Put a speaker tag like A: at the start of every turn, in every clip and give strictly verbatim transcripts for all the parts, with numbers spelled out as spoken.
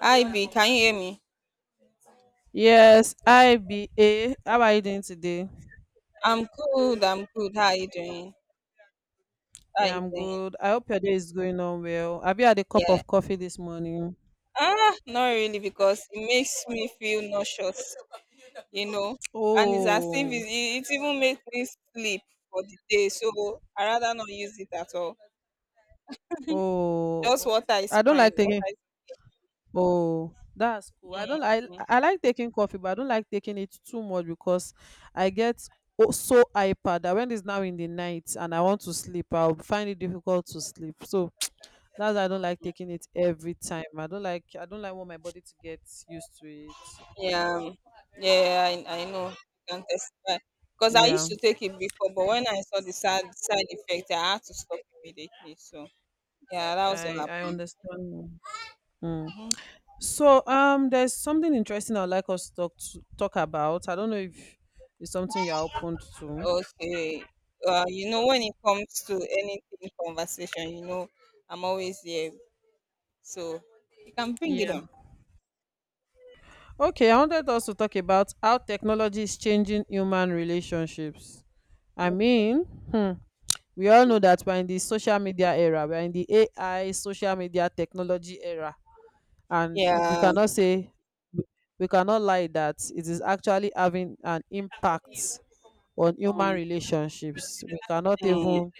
A: Hi B, can you hear me?
B: Yes, I B A. How are you doing today?
A: I'm good, I'm good. How are you doing? How are
B: Yeah,
A: you
B: I'm
A: doing?
B: good. I hope your day is going on well. Have you had a cup
A: Yeah.
B: of coffee this morning?
A: Ah, not really because it makes me feel nauseous, you know. And it's as if it,
B: Oh,
A: it it even makes me sleep for the day. So I rather not use it at all.
B: oh,
A: Just
B: oh.
A: water is
B: I don't
A: fine.
B: like
A: Water
B: taking.
A: is
B: Oh, that's cool. I don't. I
A: mm, mm.
B: I like taking coffee, but I don't like taking it too much because I get o- so hyper that when it's now in the night and I want to sleep, I'll find it difficult to sleep. So that's why I don't like taking it every time. I don't like. I don't like want my body to get used to it.
A: yeah. um, Yeah, I, I know. I can testify. Because I
B: Yeah.
A: used to take it before, but when I saw the side side effect, I had to stop immediately. So yeah, that was what
B: I I
A: happened.
B: understand. Mm.
A: Mm-hmm.
B: So um, there's something interesting I'd like us to talk to, talk about. I don't know if it's something you're open to.
A: Okay. Uh, you know, when it comes to anything conversation, you know, I'm always here. So you can bring it
B: Yeah.
A: on.
B: Okay. I wanted us to talk about how technology is changing human relationships. I mean, hmm, we all know that we're in the social media era. We're in the A I social media technology era, and we
A: Yeah.
B: cannot say we cannot lie that it is actually having an impact on human
A: Mm,
B: relationships. we cannot
A: mm,
B: even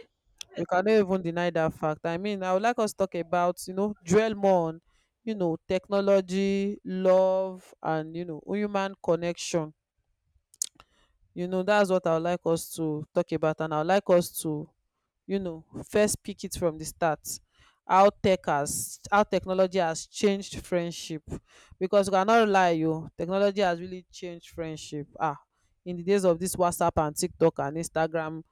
B: We cannot even deny that fact. I mean, I would like us to talk about, you know, dwell more on, you know, technology, love, and, you know, human connection. You know, that's what I would like us to talk about, and I would like us to, you know, first pick it from the start. How tech has how technology has changed friendship, because we cannot lie, you, technology has really changed friendship. Ah, in the days of this WhatsApp and TikTok and Instagram,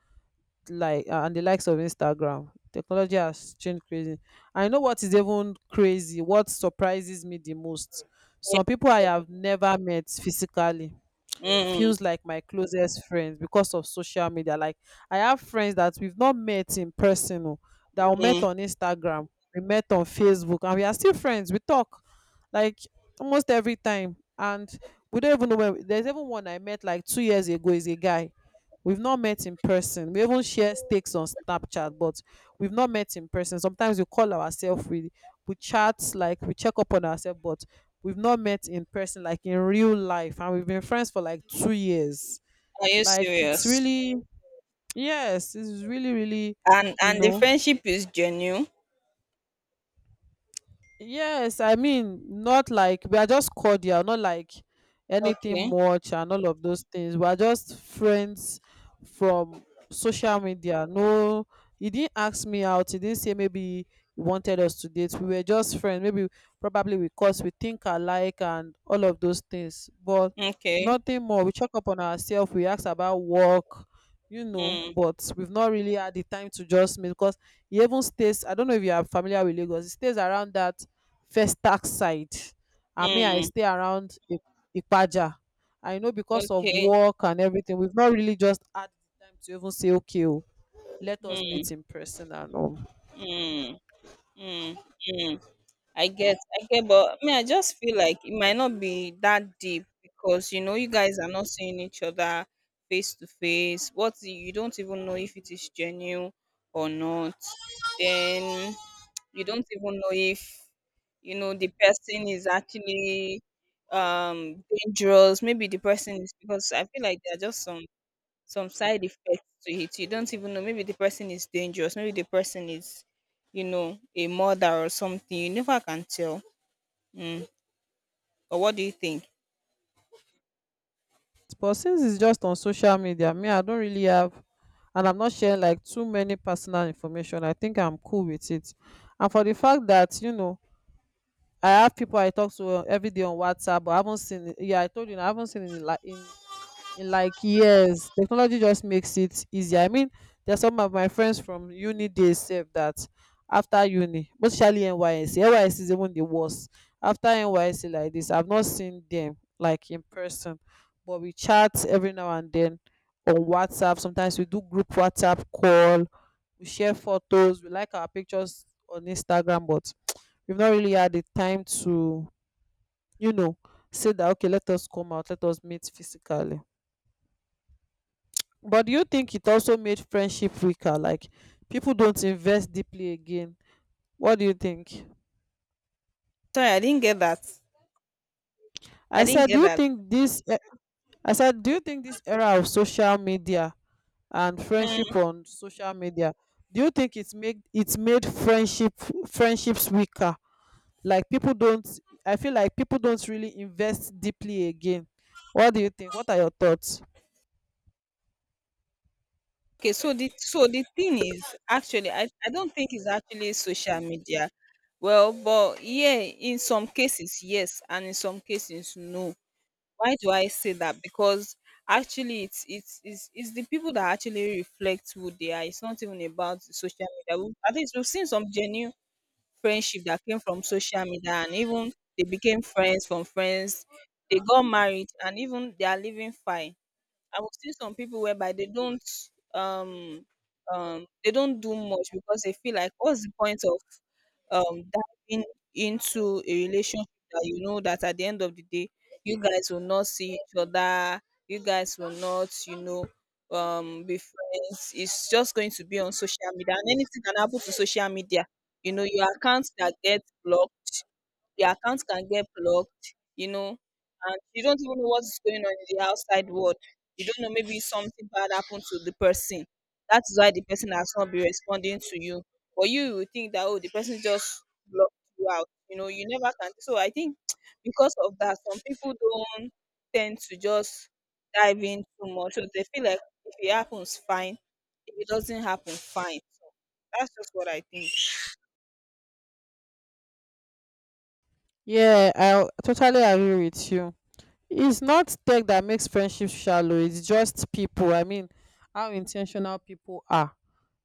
B: like uh, and the likes of Instagram. Technology has changed crazy. I know what is even crazy, what surprises me the most. Some people I have never met physically
A: mm,
B: feels like my closest friends because of social media. Like, I have friends that we've not met in person o, that we met
A: mm.
B: on Instagram, we met on Facebook, and we are still friends. We talk like almost every time, and we don't even know where. There's even one I met like two years ago, is a guy. We've not met in person. We even share stakes on Snapchat, but we've not met in person. Sometimes we call ourselves, we we chat, like we check up on ourselves, but we've not met in person, like in real life, and we've been friends for like two years.
A: Are you
B: Like, it's
A: serious?
B: really, yes, it's really, really,
A: And
B: you
A: and the
B: know.
A: friendship is genuine.
B: Yes, I mean, not like we are just cordial, not like anything
A: Okay.
B: much and all of those things. We are just friends from social media. No, he didn't ask me out. He didn't say maybe he wanted us to date. We were just friends. Maybe probably because we think alike and all of those things. But
A: Okay.
B: nothing more. We check up on ourselves. We ask about work, you know,
A: Mm,
B: but we've not really had the time to just meet because he even stays, I don't know if you are familiar with Lagos, he stays around that Festac side, and me, I
A: mm,
B: stay around I- Ipaja. I know because of
A: okay.
B: work and everything, we've not really just had the time to even say, okay, oh, let us
A: Mm,
B: meet in person and all.
A: mm, mm, mm. I get, I get, but I mean, I just feel like it might not be that deep because you know you guys are not seeing each other face to face. What if you don't even know if it is genuine or not. Then you don't even know if you know the person is actually um dangerous. Maybe the person is because I feel like there are just some some side effects to it. You don't even know. Maybe the person is dangerous. Maybe the person is you know a murder or something. You never can tell. Mm. But what do you think?
B: But since it's just on social media, me, I don't really have, and I'm not sharing like too many personal information. I think I'm cool with it. And for the fact that, you know, I have people I talk to every day on WhatsApp, but I haven't seen, yeah, I told you, I haven't seen in, like, in In like years. Technology just makes it easier. I mean, there's some of my friends from uni days sef, that after uni, especially nysc NYSC is even the worst. After NYSC like this, I've not seen them like in person, but we chat every now and then on WhatsApp. Sometimes we do group WhatsApp call, we share photos, we like our pictures on Instagram, but we've not really had the time to, you know, say that, okay, let us come out, let us meet physically. But do you think it also made friendship weaker? Like people don't invest deeply again. What do you think?
A: Sorry, I didn't get that.
B: I
A: I didn't
B: said, do
A: get
B: you
A: that.
B: think this? eh, I said, do you think this era of social media and
A: Mm.
B: friendship on social media? Do you think it's make it's made friendship friendships weaker? Like people don't. I feel like people don't really invest deeply again. What do you think? What are your thoughts?
A: Okay, so the so the thing is actually I, I don't think it's actually social media. Well, but yeah, in some cases yes, and in some cases no. Why do I say that? Because actually it's it's it's, it's the people that actually reflect who they are. It's not even about the social media. We- At least we've seen some genuine friendship that came from social media and even they became friends from friends. They got married and even they are living fine. I will see some people whereby they don't um um they don't do much because they feel like what's the point of um diving into a relationship that you know that at the end of the day you guys will not see each other you guys will not you know um be friends. It's just going to be on social media and anything can happen to social media. You know your accounts that get blocked, your account can get blocked, you know, and you don't even know what's going on in the outside world. You don't know maybe something bad happened to the person. That's why the person has not been responding to you. But you will think that oh the person just blocked you out. You know, you never can. So I think because of that, some people don't tend to just dive in too much. So they feel like if it happens, fine. If it doesn't happen, fine. So, that's just what I think.
B: Yeah, I totally agree with you. It's not tech that makes friendship shallow. It's just people. I mean, how intentional people are.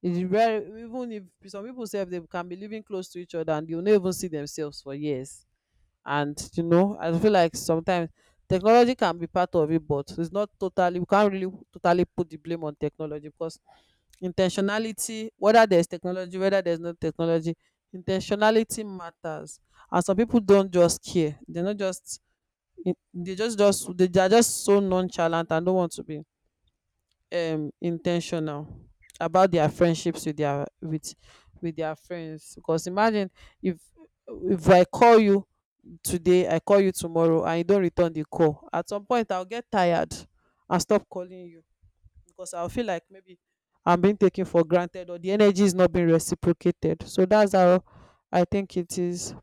B: It's very, even if some people say they can be living close to each other and you'll not even see themselves for years. And you know, I feel like sometimes technology can be part of it, but it's not totally. We can't really totally put the blame on technology because intentionality, whether there's technology, whether there's no technology, intentionality matters. And some people don't just care. They're not just in- they just just they they are just so nonchalant and don't want to be um intentional about their friendships with their with with their friends. Because imagine, if if I call you today, I call you tomorrow, and you don't return the call, at some point I'll get tired and stop calling you, because I'll feel like maybe I'm being taken for granted or the energy is not being reciprocated. So that's how I think it is.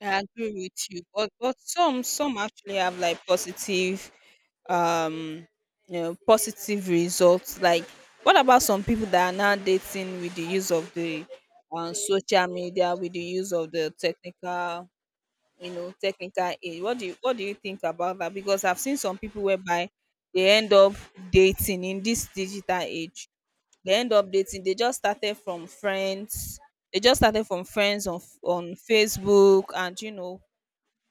A: I agree with you, but but some some actually have like positive um you know positive results. Like what about some people that are now dating with the use of the um, social media, with the use of the technical you know technical aid? What do you what do you think about that? Because I've seen some people whereby they end up dating in this digital age. They end up dating. They just started from friends. They just started from friends on on Facebook and you know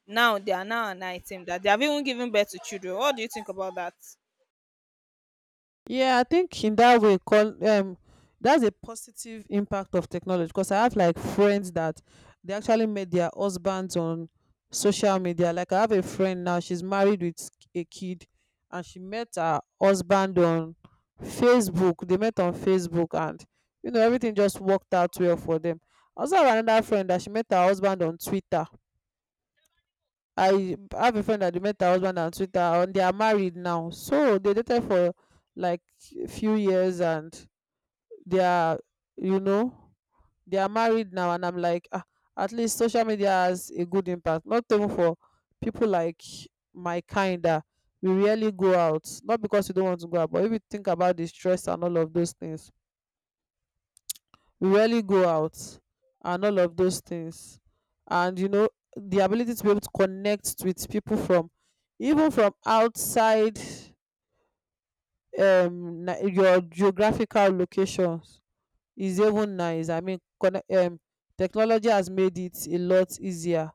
A: now they are now an item that they have even given birth to children. What do you think about that?
B: Yeah, I think in that way, call um, that's a positive impact of technology, because I have like friends that they actually met their husbands on social media. Like I have a friend now, she's married with a kid, and she met her husband on Facebook. They met on Facebook, and you know everything just worked out well for them. I also have another friend that she met her husband on Twitter. I have a friend that met her husband on Twitter and they are married now. So they dated for like a few years, and they are, you know, they are married now. And I'm like, ah, at least social media has a good impact. Not even for people like my kind that we rarely go out. Not because we don't want to go out, but if you think about the stress and all of those things, we rarely go out and all of those things. And you know, the ability to be able to connect with people from even from outside um Ni- your geographical locations is even nice. I mean, conne- um technology has made it a lot easier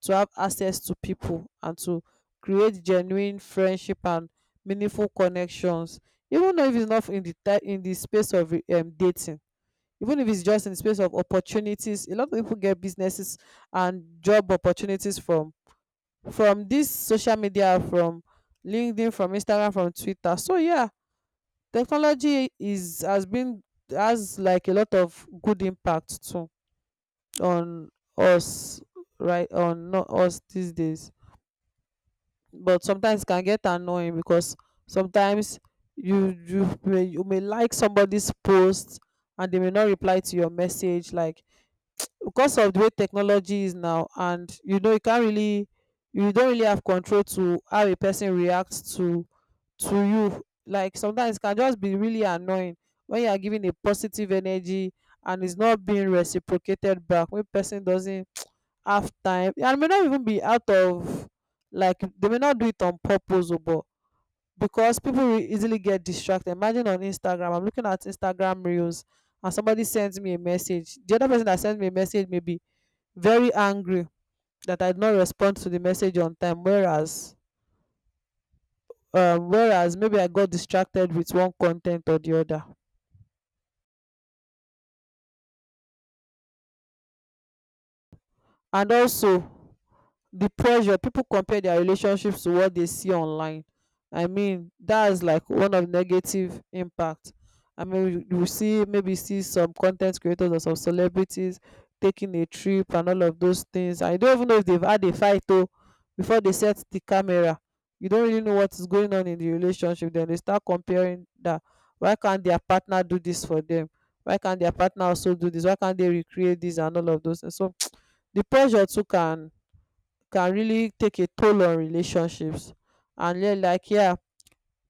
B: to have access to people and to create genuine friendship and meaningful connections, even though if it's not in the ti- in the space of um, dating. Even if it's just in the space of opportunities, a lot of people get businesses and job opportunities from from this social media, from LinkedIn, from Instagram, from Twitter. So yeah, technology is has been, has like a lot of good impact too on us, right, on not us these days. But sometimes it can get annoying because sometimes you you may, you may like somebody's post and they may not reply to your message, like because of the way technology is now, and you know you can't really, you don't really have control to how a person reacts to to you. Like sometimes it can just be really annoying when you are giving a positive energy and it's not being reciprocated back, when person doesn't have time and may not even be out of, like they may not do it on purpose, oh, but because people will easily get distracted. Imagine on Instagram, I'm looking at Instagram reels and somebody sends me a message. The other person that sends me a message maybe very angry that I did not respond to the message on time, whereas um, whereas maybe I got distracted with one content or the other. And also, the pressure, people compare their relationships to what they see online. I mean, that's like one of negative impact. I mean, you you see maybe see some content creators or some celebrities taking a trip and all of those things. I don't even know if they've had a fight though before they set the camera. You don't really know what is going on in the relationship. Then they start comparing that, why can't their partner do this for them, why can't their partner also do this, why can't they recreate this, and all of those. And so the pressure too can can really take a toll on relationships. And yeah, like yeah,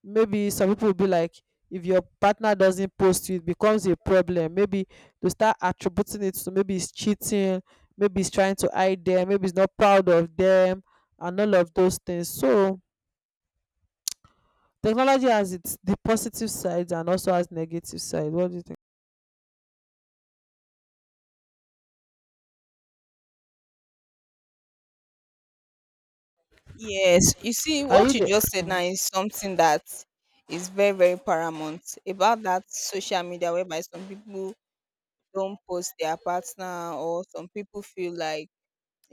B: maybe some people will be like, if your partner doesn't post to you, it becomes a problem. Maybe they start attributing it to maybe it's cheating, maybe it's trying to hide them, maybe it's not proud of them, and all of those things. So technology has its, the positive sides, and also has negative side. What do you think?
A: Yes, you see,
B: Are you
A: what you
B: there?
A: just said now is something that is very, very paramount about that social media whereby some people don't post their partner, or some people feel like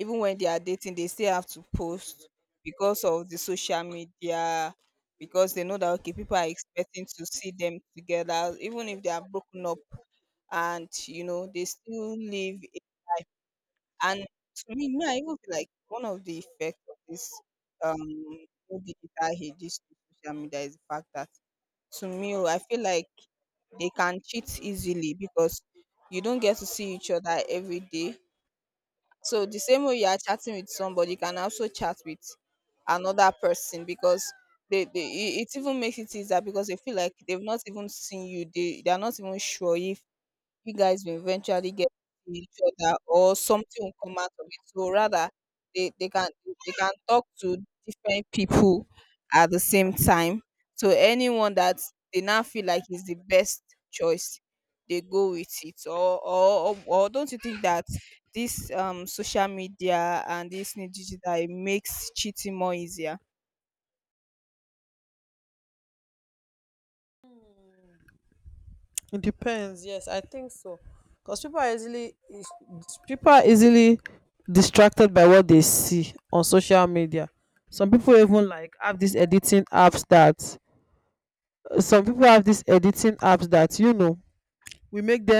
A: even when they are dating, they still have to post because of the social media, because they know that okay, people are expecting to see them together, even if they are broken up and you know they still live. And to me, me, I even feel like one of the effects of this um whole digital age, this social media is the fact that to me, oh, I feel like they can cheat easily because you don't get to see each other every day. So the same way you are chatting with somebody, you can also chat with another person because they, they it it even makes it easier because they feel like they've not even seen you. They they are not even sure if you guys will eventually get to each other or something will come out of it. So rather they, they can they can talk to different people at the same time. So anyone that they now feel like is the best choice, they go with it. Or or, or, or don't you think that this um social media and this new digital it makes cheating more easier?
B: It depends. Yes, I think so. Because people are easily is- people are easily distracted by what they see on social media. Some people even like have these editing apps that some people have these editing apps that you know we make them